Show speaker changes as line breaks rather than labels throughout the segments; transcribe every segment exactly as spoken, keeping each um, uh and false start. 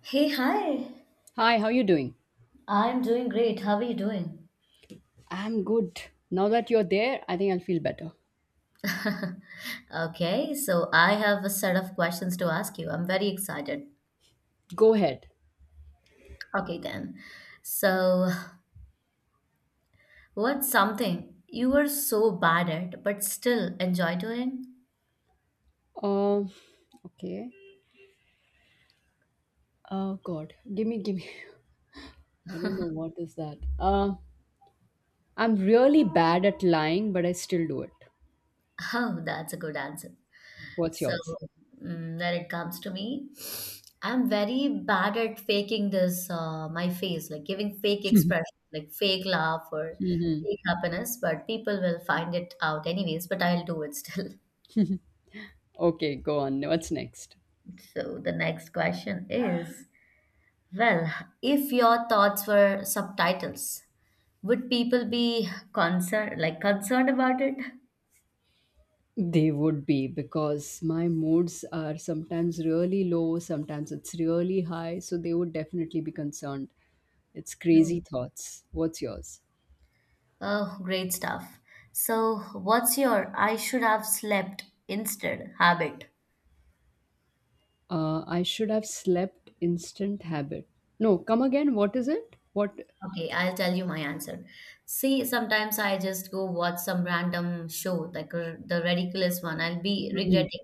Hey, hi.
Hi, how you doing?
I'm doing great. How are you doing?
I'm good. Now that you're there, I think I'll feel better.
Okay, so I have a set of questions to ask you. I'm very excited.
Go ahead.
Okay, then. So, what's something you were so bad at but still enjoy doing?
Um, okay. Oh God, give me, give me. I don't know what is that. Uh, I'm really bad at lying, but I still do it.
Oh, that's a good answer.
What's
So,
yours?
mm, when it comes to me, I'm very bad at faking this, uh, my face, like giving fake expression, like fake laugh or fake happiness, but people will find it out anyways, but I'll do it still.
Okay, go on. What's next?
So the next question is, well, if your thoughts were subtitles, would people be concerned, like concerned about it?
They would be because my moods are sometimes really low, sometimes it's really high, so they would definitely be concerned. It's
Hmm.
crazy thoughts. What's yours?
Oh, great stuff. So, what's your "I should have slept instead" habit?
Uh, I should have slept instant habit. No, come again. What is it? What?
Okay, I'll tell you my answer. See, sometimes I just go watch some random show, like r- the ridiculous one. I'll be
Mhm.
regretting.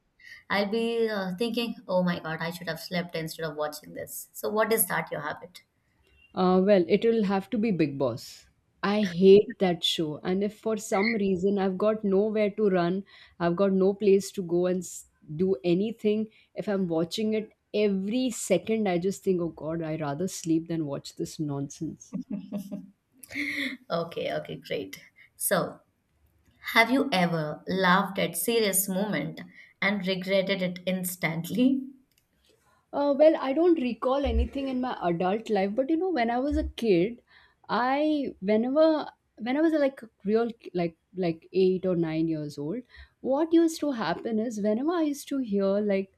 I'll be uh, thinking, oh my God, I should have slept instead of watching this. So, what is that your habit?
Uh, well, it will have to be Big Boss. I hate that show. And if for some reason I've got nowhere to run, I've got no place to go and s- do anything, if I'm watching it every second, I just think, oh God, I would rather sleep than watch this nonsense.
Okay, okay, great. So, have you ever laughed at serious moment and regretted it instantly?
Uh, well, I don't recall anything in my adult life, but you know, when I was a kid, I whenever when I was like a real like like eight or nine years old, what used to happen is whenever I used to hear like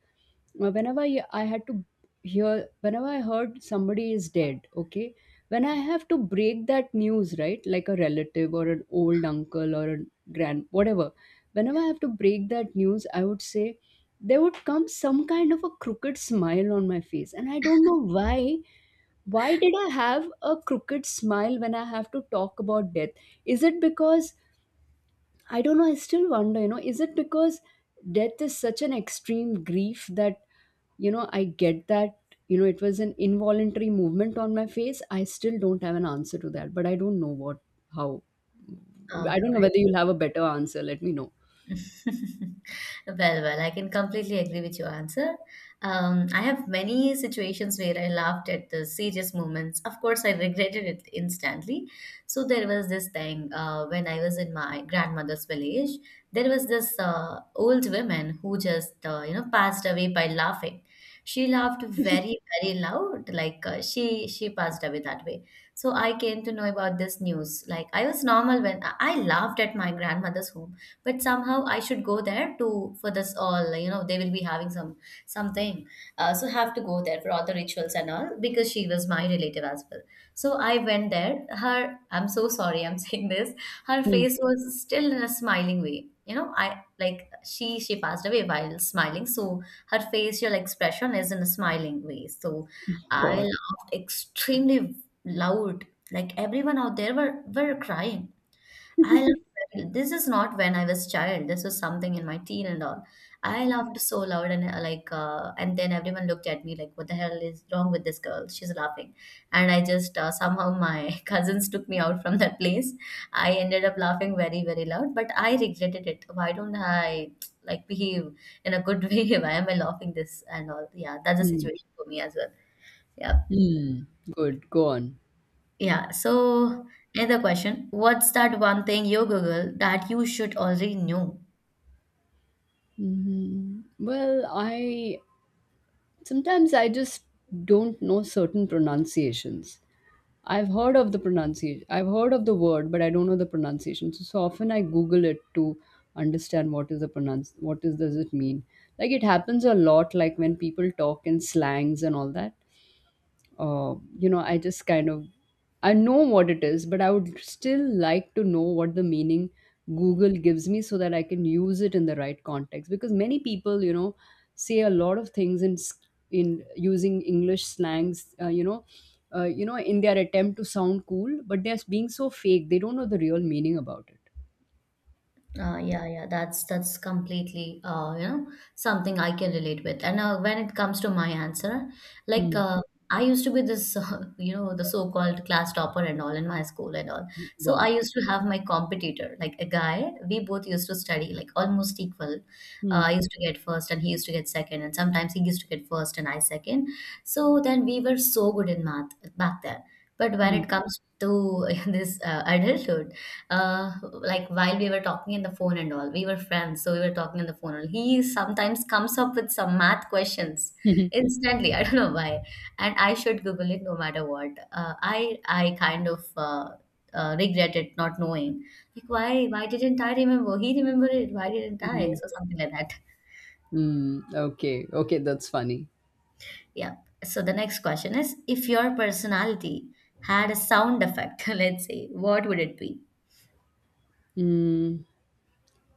uh, whenever I I had to hear, whenever I heard somebody is dead, okay, when I have to break that news, right, like a relative or an old uncle or a grand, whatever, whenever I have to break that news, I would say there would come some kind of a crooked smile on my face. And I don't know why. Why did I have a crooked smile when I have to talk about death? Is it because, I don't know, I still wonder, you know, is it because death is such an extreme grief that you know I get that you know it was an involuntary movement on my face I still don't have an answer to that but I don't know what how
Oh.
I don't know whether you'll have a better answer let me know.
Well, well, I can completely agree with your answer. Um, I have many situations where I laughed at the serious moments. Of course, I regretted it instantly. So there was this thing, uh, when I was in my grandmother's village. There was this uh, old woman who just uh, you know passed away by laughing. She laughed very, very loud. Like, uh, she she passed away that way. So I came to know about this news. Like, I was normal when I I laughed at my grandmother's, but somehow I should go there to, for this all, you know they will be having some something, uh, so have to go there for all the rituals and all, because she was my relative as well. So I went there, her, I'm so sorry I'm saying this, her
Hmm.
face was still in a smiling way, you know I, like, she she passed away while smiling, so her facial expression is in a smiling way, so I
God.
laughed extremely loud, like everyone out there were were crying. I loved. This is not when I was child. This was something in my teen and all. I laughed so loud and, uh, like, uh, and then everyone looked at me like, "What the hell is wrong with this girl? She's laughing." And I just, uh, somehow my cousins took me out from that place. I ended up laughing very, very loud, but I regretted it. Why don't I, like, behave in a good way? Why am I laughing this and all? Yeah, that's a
Hmm.
situation for me as well. Yeah,
Hmm. Good, go on.
yeah. So another question: what's that one thing you Google that you should already know?
hmm well, I sometimes I just don't know certain pronunciations. I've heard of the pronunciation. I've heard of the word, but I don't know the pronunciation. So, so often I Google it to understand what is the pronounce. What is does it mean? Like it happens a lot. Like when people talk in slangs and all that uh, you know, I just kind of I know what it is, but I would still like to know what the meaning Google gives me so that I can use it in the right context. Because many people, you know, say a lot of things in s- in using English slangs, uh, you know, uh, you know, in their attempt to sound cool, but they're being so fake. They don't know the real meaning about it.
Uh, yeah, yeah, that's that's completely, uh, you know, something I can relate with. And uh, when it comes to my answer, like,
Hmm.
uh, I used to be this uh, you know, the so-called class topper and all in my school and all. So I
Wow.
used to have my competitor, like a guy. We both used to study like almost equal. Uh,
Hmm.
I used to get first and he used to get second, and sometimes he used to get first and I second. So then we were so good in math back then. But when
Hmm.
it comes to this uh, adulthood, uh, like while we were talking in the phone and all, we were friends, so we were talking on the phone, and he sometimes comes up with some math questions instantly. I don't know why, and I should Google it no matter what. Uh, I I kind of, uh, uh, regret it not knowing. Like, why why didn't I remember? He remembered it. Why didn't I?
Hmm.
So something like that.
Hmm. Okay. Okay. That's funny.
Yeah. So the next question is, if your personality had a sound effect, let's say, what would it be?
Hmm.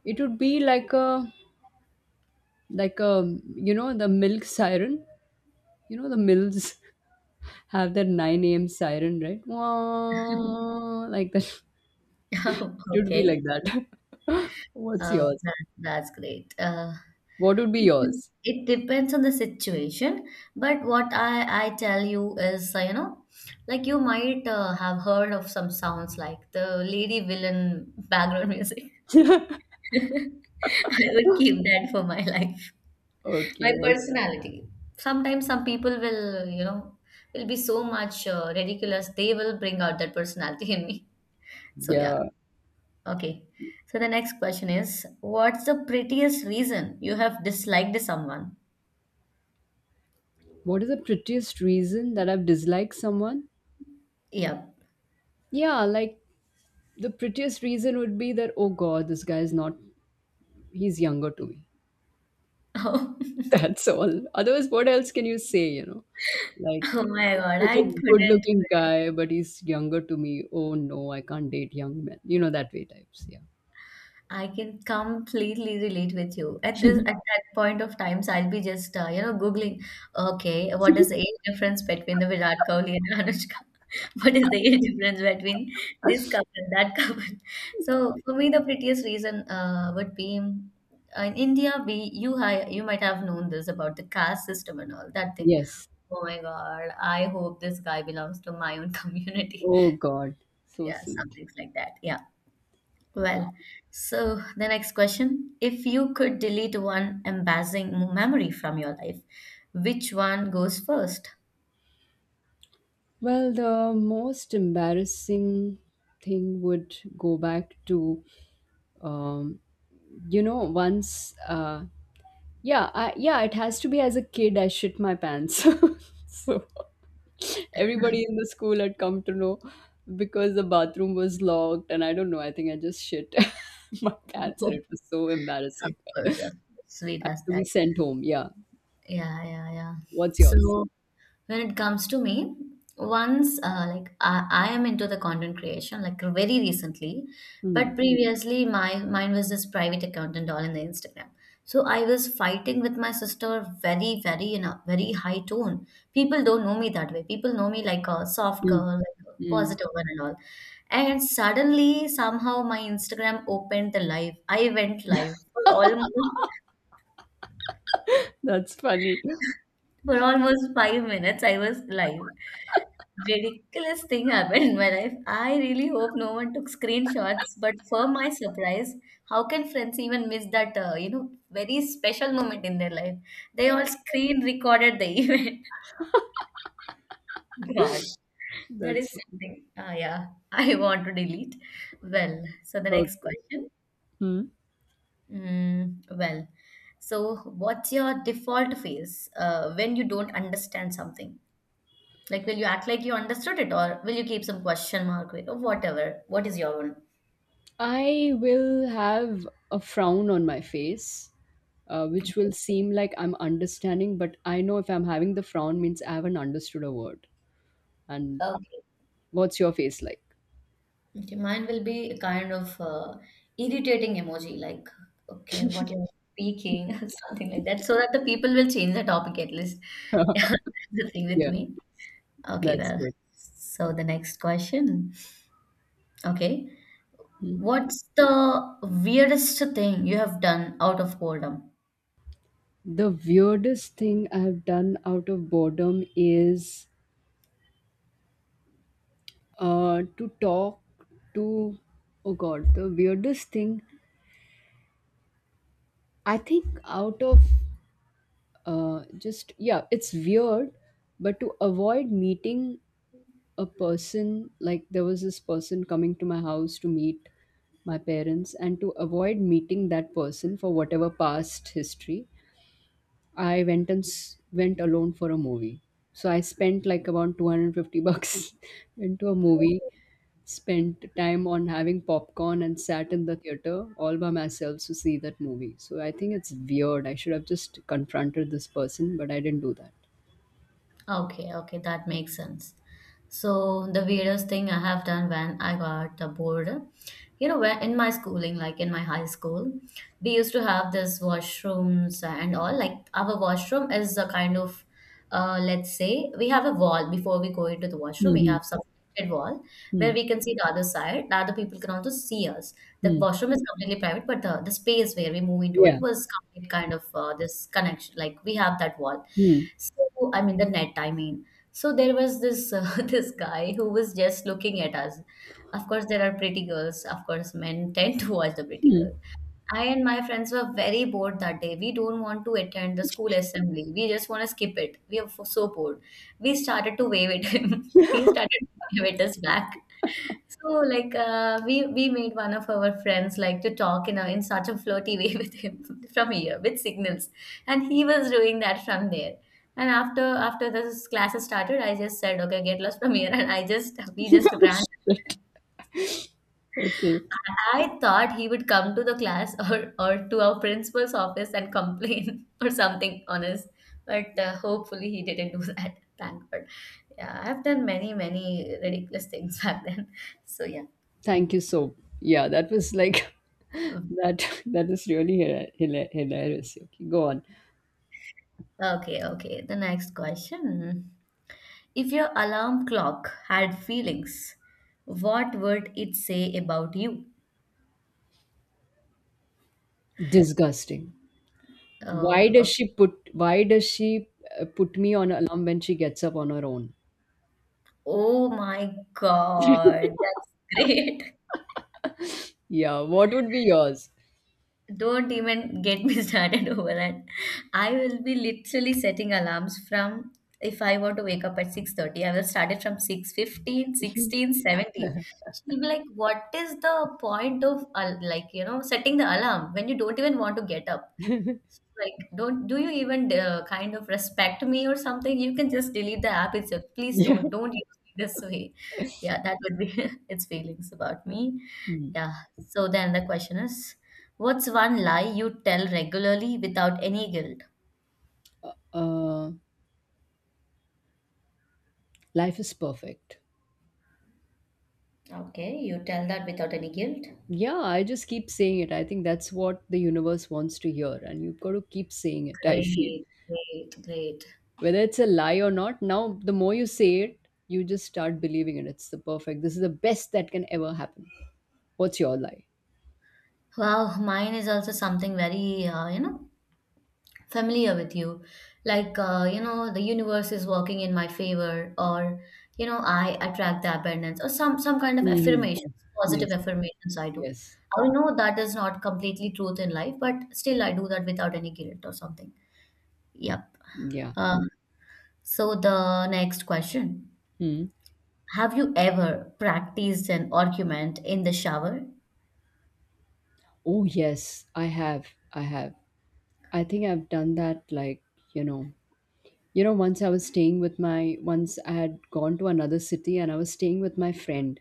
It would be like a like um, you know the milk siren, you know the mills have their nine a.m siren, right? Wah, like that. It would be
Okay.
like that. What's
Uh,
yours?
that, that's great. Uh,
What would be
It
yours?
it depends on the situation, but what I, I tell you is, uh, you know, like you might uh, have heard of some sounds like the lady villain background music.
Okay,
I would keep that for my life, my
okay.
personality. Sometimes some people will, you know, will be so much, uh, ridiculous, they will bring out that personality in me. So, yeah,
Yeah,
okay. So, the next question is, what's the prettiest reason you have disliked someone?
what is the prettiest reason that I've disliked someone?
Yeah.
Yeah, like the prettiest reason would be that, oh god, this guy is not, he's younger to me. That's all. Otherwise, what else can you say, you know? Like,
Oh my
he's
God,
such
I
a good
couldn't.
looking guy, but he's younger to me. Oh no, I can't date young men. You know, that way types. Yeah.
I can completely relate with you. At this, at that point of times, I'll be just, uh, you know, Googling, okay, what is the age difference between the Virat Kohli and Anushka? What is the age difference between this couple and that couple? So for me, the prettiest reason uh, would be, uh, in India, we you hi, you might have known this about the caste system and all that thing.
Yes.
Oh my God, I hope this guy belongs to my own community.
Oh God. So
Yeah,
sweet.
something like that. Yeah. Well, so the next question. If you could delete one embarrassing memory from your life, which one goes first?
Well, the most embarrassing thing would go back to, um, you know, once, uh, yeah, I, yeah, it has to be as a kid, I shit my pants. So. Everybody in the school had come to know because the bathroom was locked, and I don't know. I think I just shit my pants, and it was so
Oh, of
embarrassing
course, of course. Sweet as
to
that.
be sent home. Yeah.
Yeah, yeah, yeah.
What's yours?
So when it comes to me, once, uh, like, I, I am into the content creation, like, very recently,
Hmm.
but previously my mine was this private account and all in the Instagram. So I was fighting with my sister, very very in a very high tone. People don't know me that way, people know me like a soft
Mm.
girl, like a
Mm.
positive one and all. And suddenly somehow my Instagram opened the live, I went live for almost,
That's funny.
for almost five minutes. I was live. Ridiculous thing happened in my life. I really hope no one took screenshots, but for my surprise, how can friends even miss that, uh, you know, very special moment in their life? They all screen recorded the event. God, that
That's
is
funny.
something. Ah, yeah, I want to delete. Well, so the next
Okay.
question.
Hmm.
Mm, well, so what's your default phase, uh, when you don't understand something? Like, will you act like you understood it, or will you keep some question mark with, or whatever? What is your one?
I will have a frown on my face, uh, which will seem like I'm understanding, but I know if I'm having the frown means I haven't understood a word. And
Okay.
what's your face like?
Okay, mine will be a kind of, uh, irritating emoji, like, okay, what you're speaking, something like that, so that the people will change the topic at least. Yeah, that's the thing with
Yeah,
me. Okay,
that's
well,
good.
so the next question. Okay, what's the weirdest thing you have done out of boredom?
The weirdest thing I've done out of boredom is uh, to talk to, oh God, the weirdest thing I think out of uh, just, yeah, it's weird, but to avoid meeting a person, like there was this person coming to my house to meet my parents, and to avoid meeting that person for whatever past history, I went and s- went alone for a movie. So I spent like about two hundred fifty bucks into a movie, spent time on having popcorn and sat in the theater all by myself to see that movie. So I think it's weird. I should have just confronted this person, but I didn't do that.
Okay, okay, that makes sense. So the weirdest thing I have done when I got bored, you know where in my schooling, like in my high school, we used to have this washrooms and all, like our washroom is a kind of, uh, let's say we have a wall before we go into the washroom. We
Mm-hmm.
have some protected wall where
Mm.
we can see the other side, the other people can also see us. The
Mm.
washroom is completely private, but the, the space where we move into it
Yeah.
was complete kind of, uh, this connection, like we have that wall.
Hmm.
So I mean, the net I mean, so there was this uh, this guy who was just looking at us. Of course, there are pretty girls. Of course, men tend to watch the pretty
Mm.
girl. I and my friends were very bored that day. We don't want to attend the school assembly. We just want to skip it. We are f- so bored. We started to wave at him. He started to wave at us back. So, like, uh, we we made one of our friends like to talk in a, in such a flirty way with him from here with signals, and he was doing that from there. And after after this classes started, I just said, okay, get lost from here, and I just we just
Oh,
ran.
shit. Okay.
I thought he would come to the class or, or to our principal's office and complain or something honest, but uh, hopefully he didn't do that. Thank God. Yeah, I've done many, many ridiculous things back then. So, yeah.
Thank you so. Yeah, that was like that that is really hila- hila- hilarious. Okay, go on.
Okay, okay. The next question. If your alarm clock had feelings, what would it say about you?
Disgusting.
Oh,
Why does she
okay.
put why does she uh, put me on alarm when she gets up on her own?
Oh my God, that's great.
Yeah, what would be yours?
Don't even get me started over that. I will be literally setting alarms from, if I want to wake up at six thirty, I will start it from six fifteen, sixteen, seventeen. She'll be like, "What is the point of al- like, you know, setting the alarm when you don't even want to get up?" Like, don't do you even, uh, kind of respect me or something? You can just delete the app itself. Please
Yeah.
don't don't use me this way. Yeah, that would be its feelings about me.
Hmm.
Yeah. So then the question is, what's one lie you tell regularly without any guilt?
Uh, Life is perfect.
Okay, you tell that without any guilt.
Yeah, I just keep saying it. I think that's what the universe wants to hear, and you've got to keep saying it, I feel.
Great, great, great.
Whether it's a lie or not, now the more you say it, you just start believing it. It's the perfect. This is the best that can ever happen. What's your lie?
Wow, mine is also something very, uh, you know, familiar with you like uh, you know the universe is working in my favor or you know I attract the abundance or some some kind of
Hmm.
affirmations, positive
Yes,
affirmations I do.
yes,
I know that is not completely truth in life, but still I do that without any guilt or something. Yep.
yeah.
um, so the next question,
Hmm.
have you ever practiced an argument in the shower?
Oh yes, I have. I have. I think I've done that like, you know, you know, once I was staying with my once I had gone to another city and I was staying with my friend,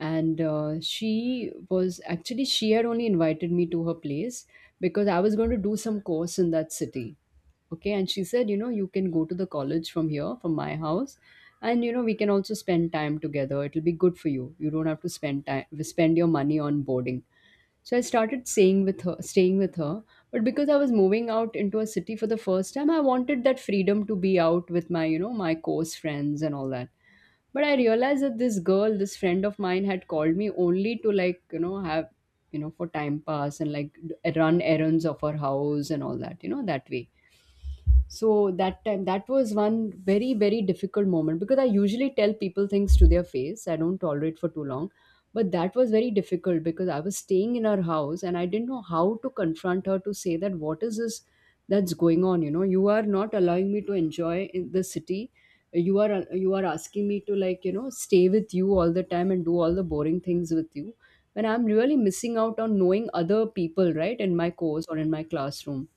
and uh, she was actually she had only invited me to her place because I was going to do some course in that city. Okay, and she said, you know, you can go to the college from here, from my house, and you know, we can also spend time together. It'll be good for you. You don't have to spend time spend your money on boarding, so I started staying with her, staying with her. But because I was moving out into a city for the first time, I wanted that freedom to be out with my, you know, my close friends and all that. But I realized that this girl, this friend of mine, had called me only to like, you know, have, you know, for time pass and like d- run errands of her house and all that, you know, that way. So that time that was one very very difficult moment because I usually tell people things to their face, I don't tolerate for too long, but that was very difficult because I was staying in her house and I didn't know how to confront her to say that what is this that's going on. You know, you are not allowing me to enjoy in the city. You are you are asking me to like, you know, stay with you all the time and do all the boring things with you when I'm really missing out on knowing other people, right, in my course or in my classroom.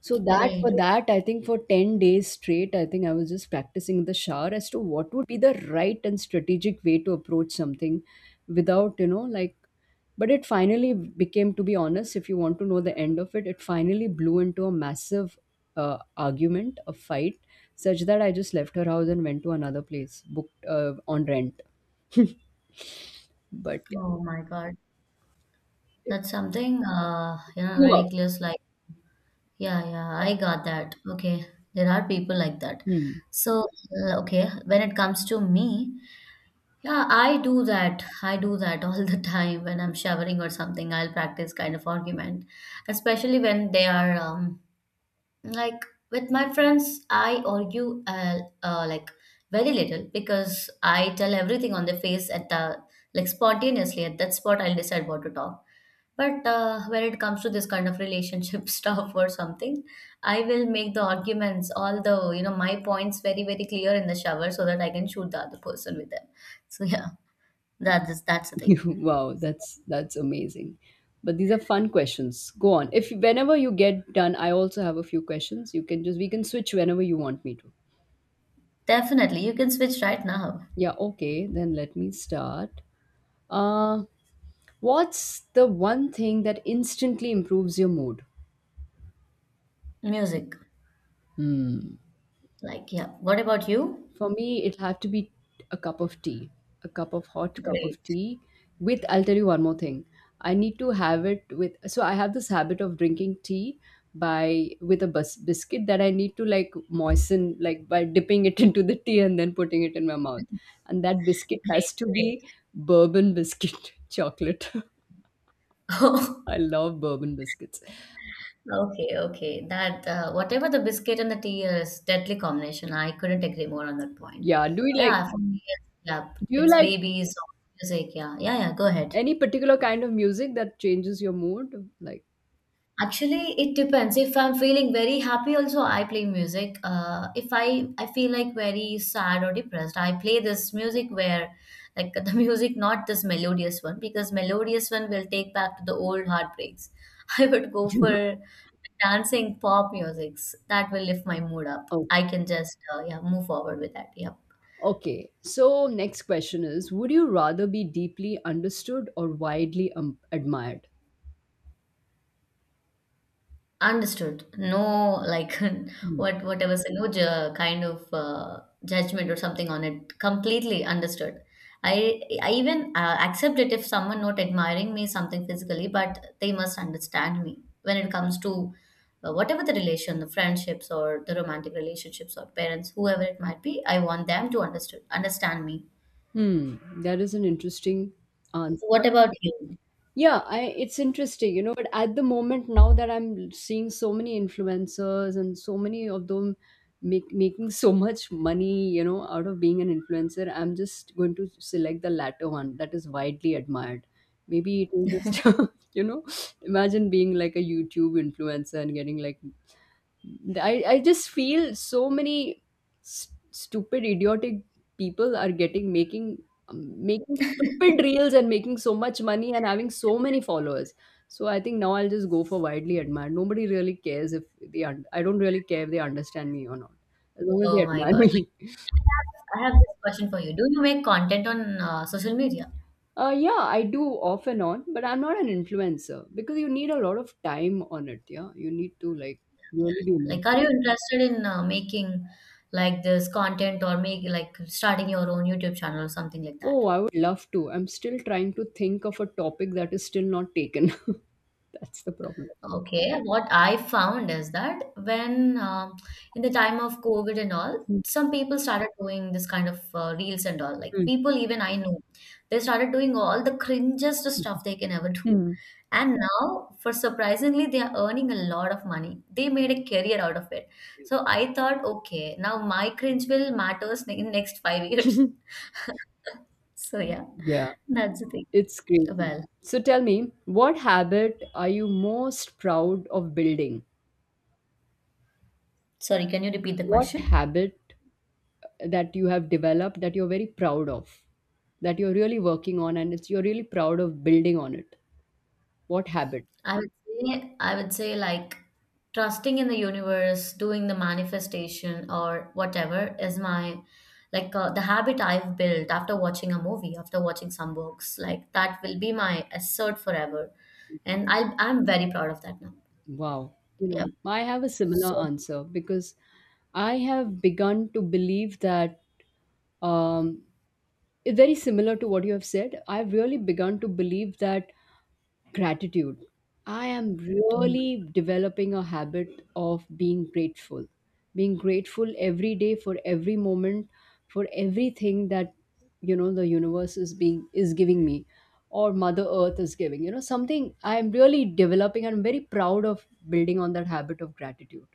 so that
Great.
for that, I think for ten days straight, I think I was just practicing in the shower as to what would be the right and strategic way to approach something without, you know, like, but it finally became, to be honest, if you want to know the end of it, it finally blew into a massive uh, argument, a fight, such that I just left her house and went to another place booked uh, on rent. But yeah,
Oh my God, that's something uh, you know,
blew up.
ridiculous, like yeah, yeah, I got that. Okay, there are people like that.
Hmm.
So, uh, okay, when it comes to me, yeah, I do that. I do that all the time when I'm showering or something. I'll practice kind of argument, especially when they are um, like with my friends. I argue uh, uh, like very little because I tell everything on the face at the like spontaneously at that spot. I'll decide what to talk, but uh, when it comes to this kind of relationship stuff or something, I will make the arguments, all the, you know, my points very, very clear in the shower so that I can shoot the other person with them. So yeah, that is that's the thing.
Wow, that's that's amazing. But these are fun questions. Go on. If whenever you get done, I also have a few questions. You can just we can switch whenever you want me to.
Definitely, you can switch right now.
Yeah, okay, then let me start. Uh what's the one thing that instantly improves your mood?
Music.
Hmm.
Like, yeah. What about you?
For me, it'll have to be a cup of tea, a cup of hot cup
Great,
of tea. With, I'll tell you one more thing. I need to have it with, so I have this habit of drinking tea by with a bus, biscuit that I need to like moisten, like by dipping it into the tea and then putting it in my mouth. And that biscuit
great,
has to be bourbon biscuit chocolate.
great.
I love bourbon biscuits.
Okay, okay. That uh, whatever the biscuit and the tea is deadly combination. I couldn't agree more on that point.
Yeah. Do you like,
Yeah, for me, it's, yeah,
do you
it's
like
babies, music. Yeah, yeah, yeah. Go ahead.
any particular kind of music that changes your mood? Like,
Actually, it depends. If I'm feeling very happy, also I play music. Uh, if I I feel like very sad or depressed, I play this music where, like the music, not this melodious one, because melodious one will take back to the old heartbreaks. I would go for dancing pop musics that will lift my mood up.
oh.
I can just uh, yeah, move forward with that. Yeah.
Okay, so next question is, would you rather be deeply understood or widely um, admired?
Understood. No, like
Hmm.
what what I was saying, no ju- kind of uh, judgment or something on it. Completely understood. I I even uh, accept it if someone not admiring me something physically, but they must understand me when it comes to uh, whatever the relation, the friendships or the romantic relationships or parents, whoever it might be. I want them to understood understand me.
Hmm, that is an interesting
So what
answer.
about you?
Yeah, I, it's interesting, you know, but at the moment, now that I'm seeing so many influencers and so many of them make, making so much money, you know, out of being an influencer, I'm just going to select the latter one that is widely admired. Maybe it will just, you know, imagine being like a YouTube influencer and getting like I, I just feel so many st- stupid idiotic people are getting making um, making stupid reels and making so much money and having so many followers. So I think now I'll just go for widely admired. Nobody really cares if they un- I don't really care if they understand me or not, as long as they
Oh my
admire
God! Like
me.
I have, I have this question for you. Do you make content on uh, social media?
Uh, yeah, I do, off and on, but I'm not an influencer because you need a lot of time on it. Yeah, you need to like really be.
Like, are you interested in uh, making like this content or make like starting your own YouTube channel or something like that?
Oh, I would love to. I'm still trying to think of a topic that is still not taken. That's the problem.
Okay, what I found is that when um, in the time of COVID and all, some people started doing this kind of uh, reels and all. Like
Hmm.
people, even I know, they started doing all the cringest stuff they can ever do.
Hmm.
And now, for surprisingly, they are earning a lot of money. They made a career out of it. So I thought, okay, now my cringe will matters in next five years. So yeah,
Yeah,
that's the thing.
it's crazy.
Well,
So tell me, what habit are you most proud of building?
sorry, can you repeat the
What
question?
habit that you have developed that you're very proud of, that you're really working on, and it's you're really proud of building on it? What habit?
I would say I would say like trusting in the universe, doing the manifestation or whatever is my like uh, the habit I've built after watching a movie, after watching some books. Like that will be my assert forever, and I I'm very proud of that now.
Wow. You
Yeah.
know, I have a similar
So.
answer because I have begun to believe that um, very similar to what you have said, I've really begun to believe that gratitude, I am really developing a habit of being grateful, being grateful every day for every moment, for everything that, you know, the universe is being is giving me or mother earth is giving, you know, something I am really developing and I'm very proud of building on that habit of gratitude.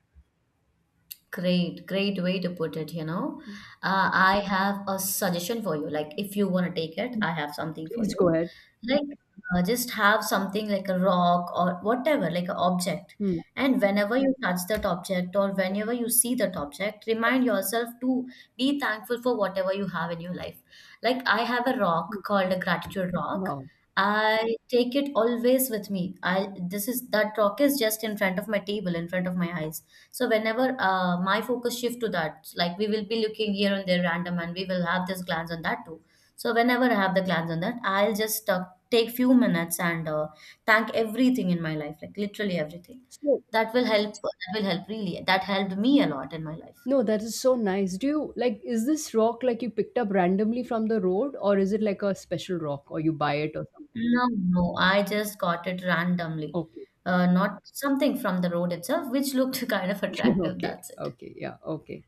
Great, great way to put it, you know. Uh, I have a suggestion for you. Like, if you want to take it, I have something for
Please go
you.
ahead.
Like, uh, just have something like a rock or whatever, like an object.
Hmm.
And whenever you touch that object or whenever you see that object, remind yourself to be thankful for whatever you have in your life. Like, I have a rock called a gratitude rock.
Wow.
I take it always with me. I this is That rock is just in front of my table, in front of my eyes. So whenever uh, my focus shift to that, like we will be looking here and there random, and we will have this glance on that too. So whenever I have the glance on that, I'll just uh, take few minutes and uh, thank everything in my life, like literally everything.
So,
That will help. That will help really. That helped me a lot in my life.
no, that is so nice. Do you like, is this rock like you picked up randomly from the road or is it like a special rock or you buy it or something?
No, no, I just got it randomly,
Okay.
uh, not something from the road itself, which looked kind of attractive.
Okay.
That's it.
Okay. Yeah. Okay.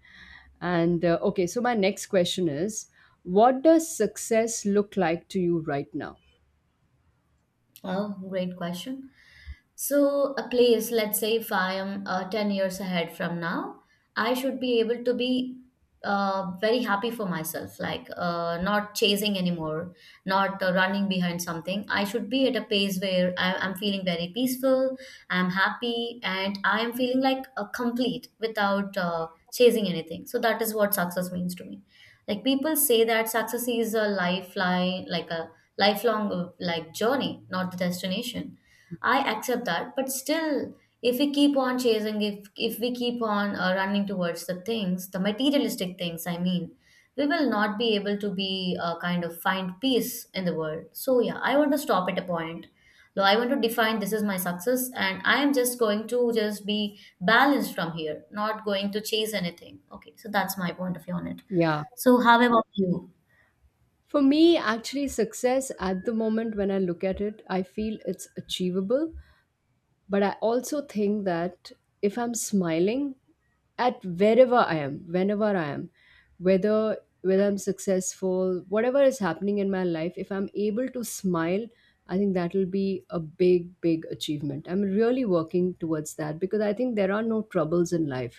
And uh, okay, so my next question is, what does success look like to you right now?
Oh, great question. So, a place, let's say if I am uh, ten years ahead from now, I should be able to be uh, very happy for myself, like uh, not chasing anymore, not uh, running behind something. I should be at a pace where I, I'm feeling very peaceful, I'm happy, and I am feeling like a complete without uh, chasing anything. So, that is what success means to me. Like people say that success is a lifeline, like a lifelong uh, like journey, not the destination. I accept that, but still, if we keep on chasing, if if we keep on uh, running towards the things, the materialistic things, I mean, we will not be able to be uh, kind of find peace in the world. So yeah, I want to stop at a point. No, I want to define this is my success, and I am just going to just be balanced from here, not going to chase anything. Okay, so that's my point of view on it.
Yeah.
So how about you?
For me, actually, success at the moment, when I look at it, I feel it's achievable. But I also think that if I'm smiling at wherever I am, whenever I am, whether whether I'm successful, whatever is happening in my life, if I'm able to smile, I think that will be a big, big achievement. I'm really working towards that because I think there are no troubles in life,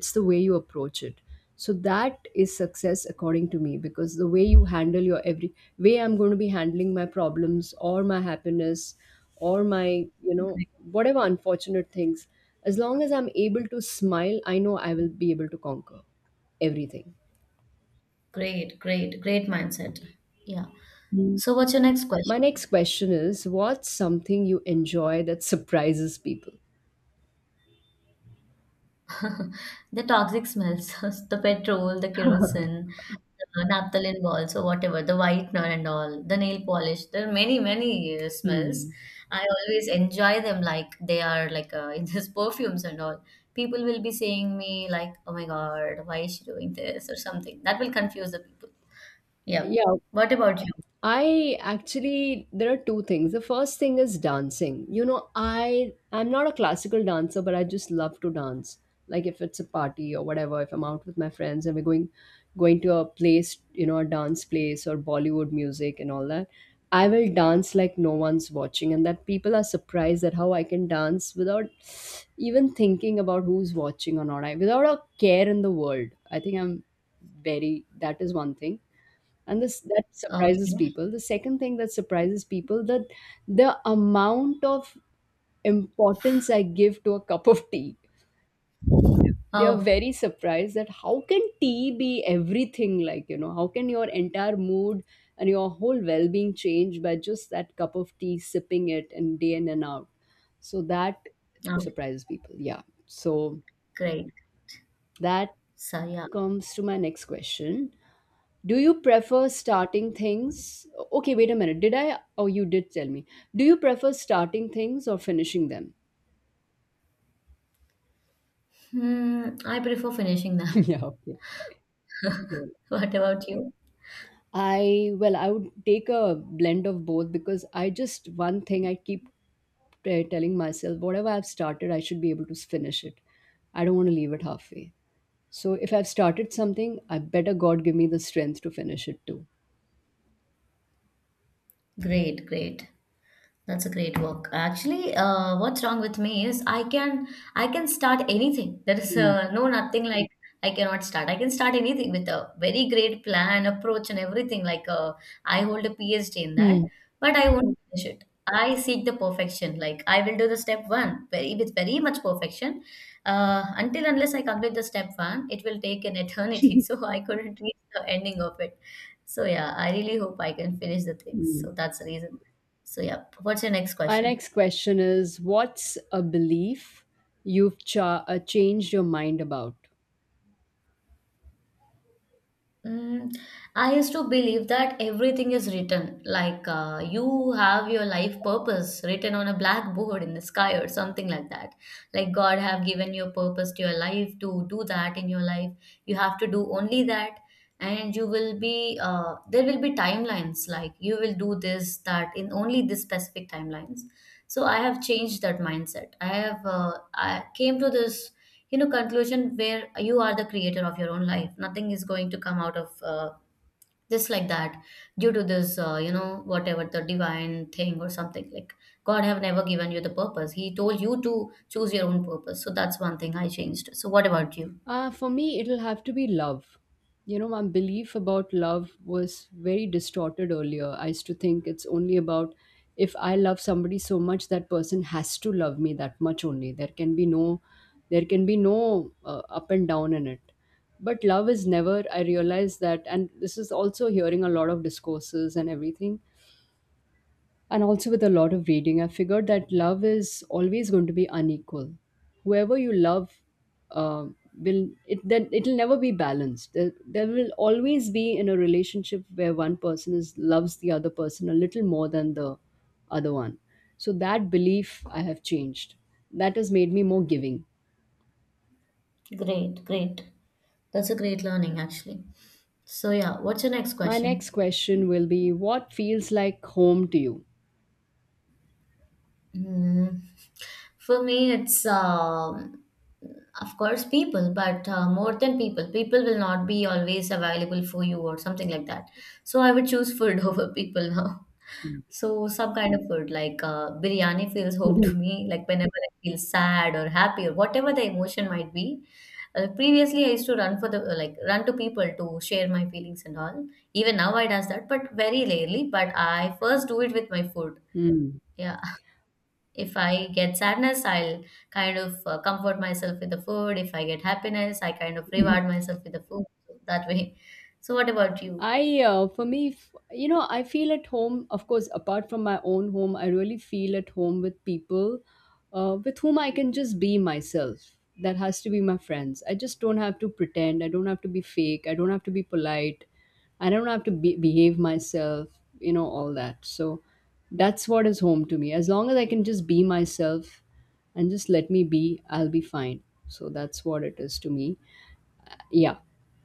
it's the way you approach it. So that is success according to me, because the way you handle your every way I'm going to be handling my problems or my happiness or my, you know, whatever unfortunate things, as long as I'm able to smile, I know I will be able to conquer everything.
Great, great, great mindset. Yeah.
Mm.
So what's your next
My
question?
next question is, what's something you enjoy that surprises people?
The toxic smells, the petrol, the kerosene, the naphthalene balls, or whatever, the whitener and all, the nail polish. There are many, many uh, smells.
Hmm.
I always enjoy them like they are like uh, in this perfumes and all. People will be saying me like, "Oh my God, why is she doing this?" or something. That will confuse the people. Yeah.
Yeah,
What about you?
I actually there are two things. The first thing is dancing. You know, I I'm not a classical dancer, but I just love to dance. Like if it's a party or whatever, if I'm out with my friends and we're going going to a place, you know, a dance place or Bollywood music and all that, I will dance like no one's watching, and that people are surprised at how I can dance without even thinking about who's watching or not. I without a care in the world. I think I'm very, that is one thing. And this that surprises
Okay.
people, the second thing that surprises people, that the amount of importance I give to a cup of tea. They are
Oh,
very surprised that how can tea be everything, like, you know, how can your entire mood and your whole well-being change by just that cup of tea, sipping it, and day in and out. So that
okay.
surprises people. Yeah, so
Great.
that
So yeah.
comes to my next question. Do you prefer starting things? Okay, wait a minute. Did I? Oh, you did tell me. Do you prefer starting things or finishing them?
Hmm, I prefer finishing them.
Yeah, okay. Yeah.
What about you?
I, well, I would take a blend of both because I just, one thing I keep uh, telling myself, whatever I've started, I should be able to finish it. I don't want to leave it halfway. So if I've started something, I better God give me the strength to finish it too.
Great, great. That's a great work. Actually, uh, what's wrong with me is I can I can start anything. There is
Hmm.
uh, no nothing like I cannot start. I can start anything with a very great plan, approach, and everything. Like uh, I hold a PhD in that,
Hmm.
but I won't finish it. I seek the perfection. Like I will do the step one very with very much perfection. Uh, until unless I complete the step one, it will take an eternity. So I couldn't reach the ending of it. So yeah, I really hope I can finish the things.
Hmm.
So that's the reason. So, yeah, what's your next
Our
question?
next question is, what's a belief you've cha- uh, changed your mind about?
Mm, I used to believe that everything is written, like uh, you have your life purpose written on a blackboard in the sky or something like that. Like God have given your purpose to your life to do that in your life. You have to do only that, and you will be uh, there will be timelines. Like you will do this that in only this specific timelines. So I have changed that mindset. I have uh, I came to this you know conclusion where you are the creator of your own life. Nothing is going to come out of uh, just like that due to this uh, you know, whatever the divine thing or something, like God have never given you the purpose, he told you to choose your own purpose. So that's one thing I changed. So what about you?
Uh, for me, it'll have to be love. You know, my belief about love was very distorted earlier. I used to think it's only about if I love somebody so much, that person has to love me that much only. There can be no, there can be no uh, up and down in it. But love is never. I realized that, and this is also hearing a lot of discourses and everything. And also, with a lot of reading, I figured that love is always going to be unequal. Whoever you love, uh, will it then it'll never be balanced. There, there will always be in a relationship where one person is loves the other person a little more than the other one. So that belief I have changed. That has made me more giving.
Great, great, that's a great learning actually. So yeah, what's your next
My
question?
next question will be: what feels like home to you?
Mm, for me, it's um, of course people, but uh, more than people, people will not be always available for you or something like that. So I would choose food over people now.
Yeah.
So some kind of food like uh, biryani feels home to me. Like whenever I feel sad or happy or whatever the emotion might be. Uh, previously, I used to run for the uh, like run to people to share my feelings and all. Even now, I does that, but very rarely. But I first do it with my food.
Hmm.
Yeah, if I get sadness, I'll kind of uh, comfort myself with the food. If I get happiness, I kind of reward myself with the food. So that way. So, what about you?
I, uh, for me, f- you know, I feel at home, of course, apart from my own home, I really feel at home with people uh, with whom I can just be myself. That has to be my friends. I just don't have to pretend. I don't have to be fake. I don't have to be polite. I don't have to be- behave myself, you know, all that. So that's what is home to me. As long as I can just be myself and just let me be, I'll be fine. So that's what it is to me. Yeah.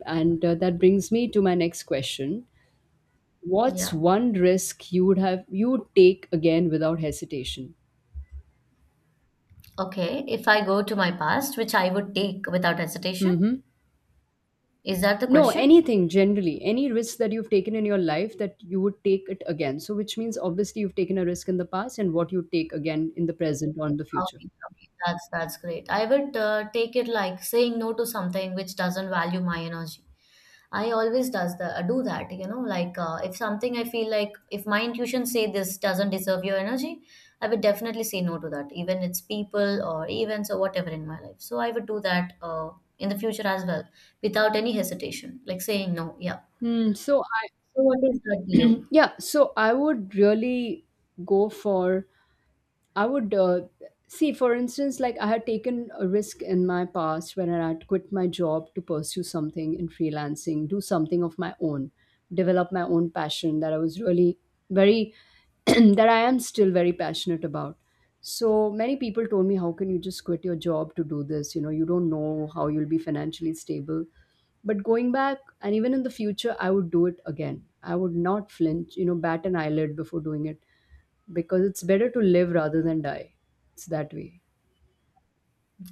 And uh, that brings me to my next question. What's
Yeah.
one risk you would have you would take again without hesitation?
Okay. If I go to my past, which I would take without hesitation,
Mm-hmm.
is that the
No,
question?
anything generally, any risk that you've taken in your life that you would take it again. So, which means obviously you've taken a risk in the past and what you take again in the present or in the future.
Okay, okay. That's that's great. I would uh, take it like saying no to something which doesn't value my energy. I always does the do that, you know, like uh, if something I feel like if my intuition say this doesn't deserve your energy, I would definitely say no to that, even it's people or events or whatever in my life. So I would do that uh, in the future as well without any hesitation, like saying no. Yeah.
Hmm, so, I,
So what is that you?
yeah, so I would really go for, I would uh, see, for instance, like I had taken a risk in my past when I had quit my job to pursue something in freelancing, do something of my own, develop my own passion that I was really very, that I am still very passionate about. So many people told me, how can you just quit your job to do this? You know, you don't know how you'll be financially stable. But going back, and even in the future, I would do it again. I would not flinch, you know, bat an eyelid before doing it, because it's better to live rather than die. It's that way.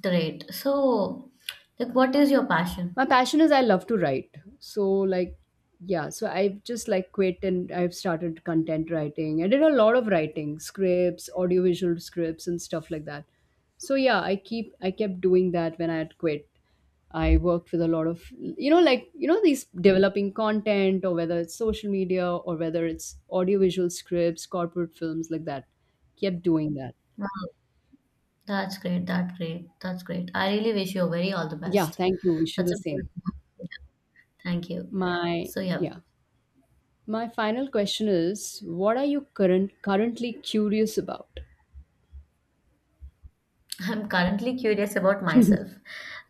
Great. So, like, what is your passion?
My passion is I love to write. So like, yeah, so I've just like quit and I've started content writing. I did a lot of writing, scripts, audiovisual scripts and stuff like that. So yeah, I keep I kept doing that when I had quit. I worked with a lot of, you know, like, you know, these developing content or whether it's social media or whether it's audiovisual scripts, corporate films like that. Kept doing that.
Uh, That's great. That's great. That's great. I really wish you very all the
Yeah,
best.
thank you. Wish you
That's
the
a good
same.
thank you.
My
So yeah,
yeah. My final question is, what are you current currently curious about?
I'm currently curious about myself.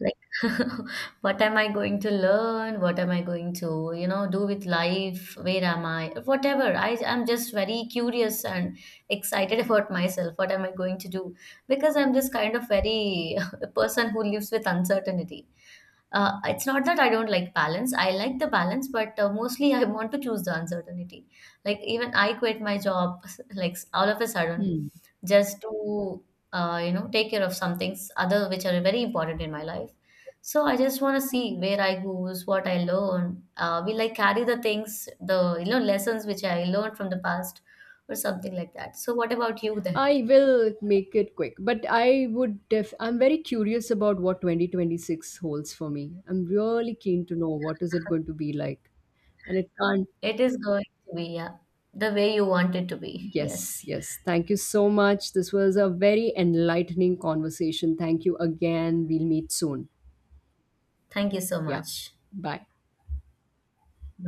Like what am I going to learn? What am I going to, you know, do with life? Where am I? Whatever. I I'm just very curious and excited about myself. What am I going to do? Because I'm this kind of very person who lives with uncertainty. Uh, it's not that I don't like balance. I like the balance, but uh, mostly I want to choose the uncertainty. Like even I quit my job, like all of a sudden,
Hmm.
just to uh, you know, take care of some things other which are very important in my life. So I just want to see where I goes, what I learn. Uh, will I carry the things, the you know lessons which I learned from the past, or something like that. So what about you then?
I will make it quick, but I would def, I'm very curious about what twenty twenty-six holds for me. I'm really keen to know what is it going to be like. And it can't,
It is going to be yeah, the way you want it to be.
yes,
Yes.
yes. Thank you so much. This was a very enlightening conversation. Thank you again. We'll meet soon.
Thank you so
Yeah.
much.
Bye.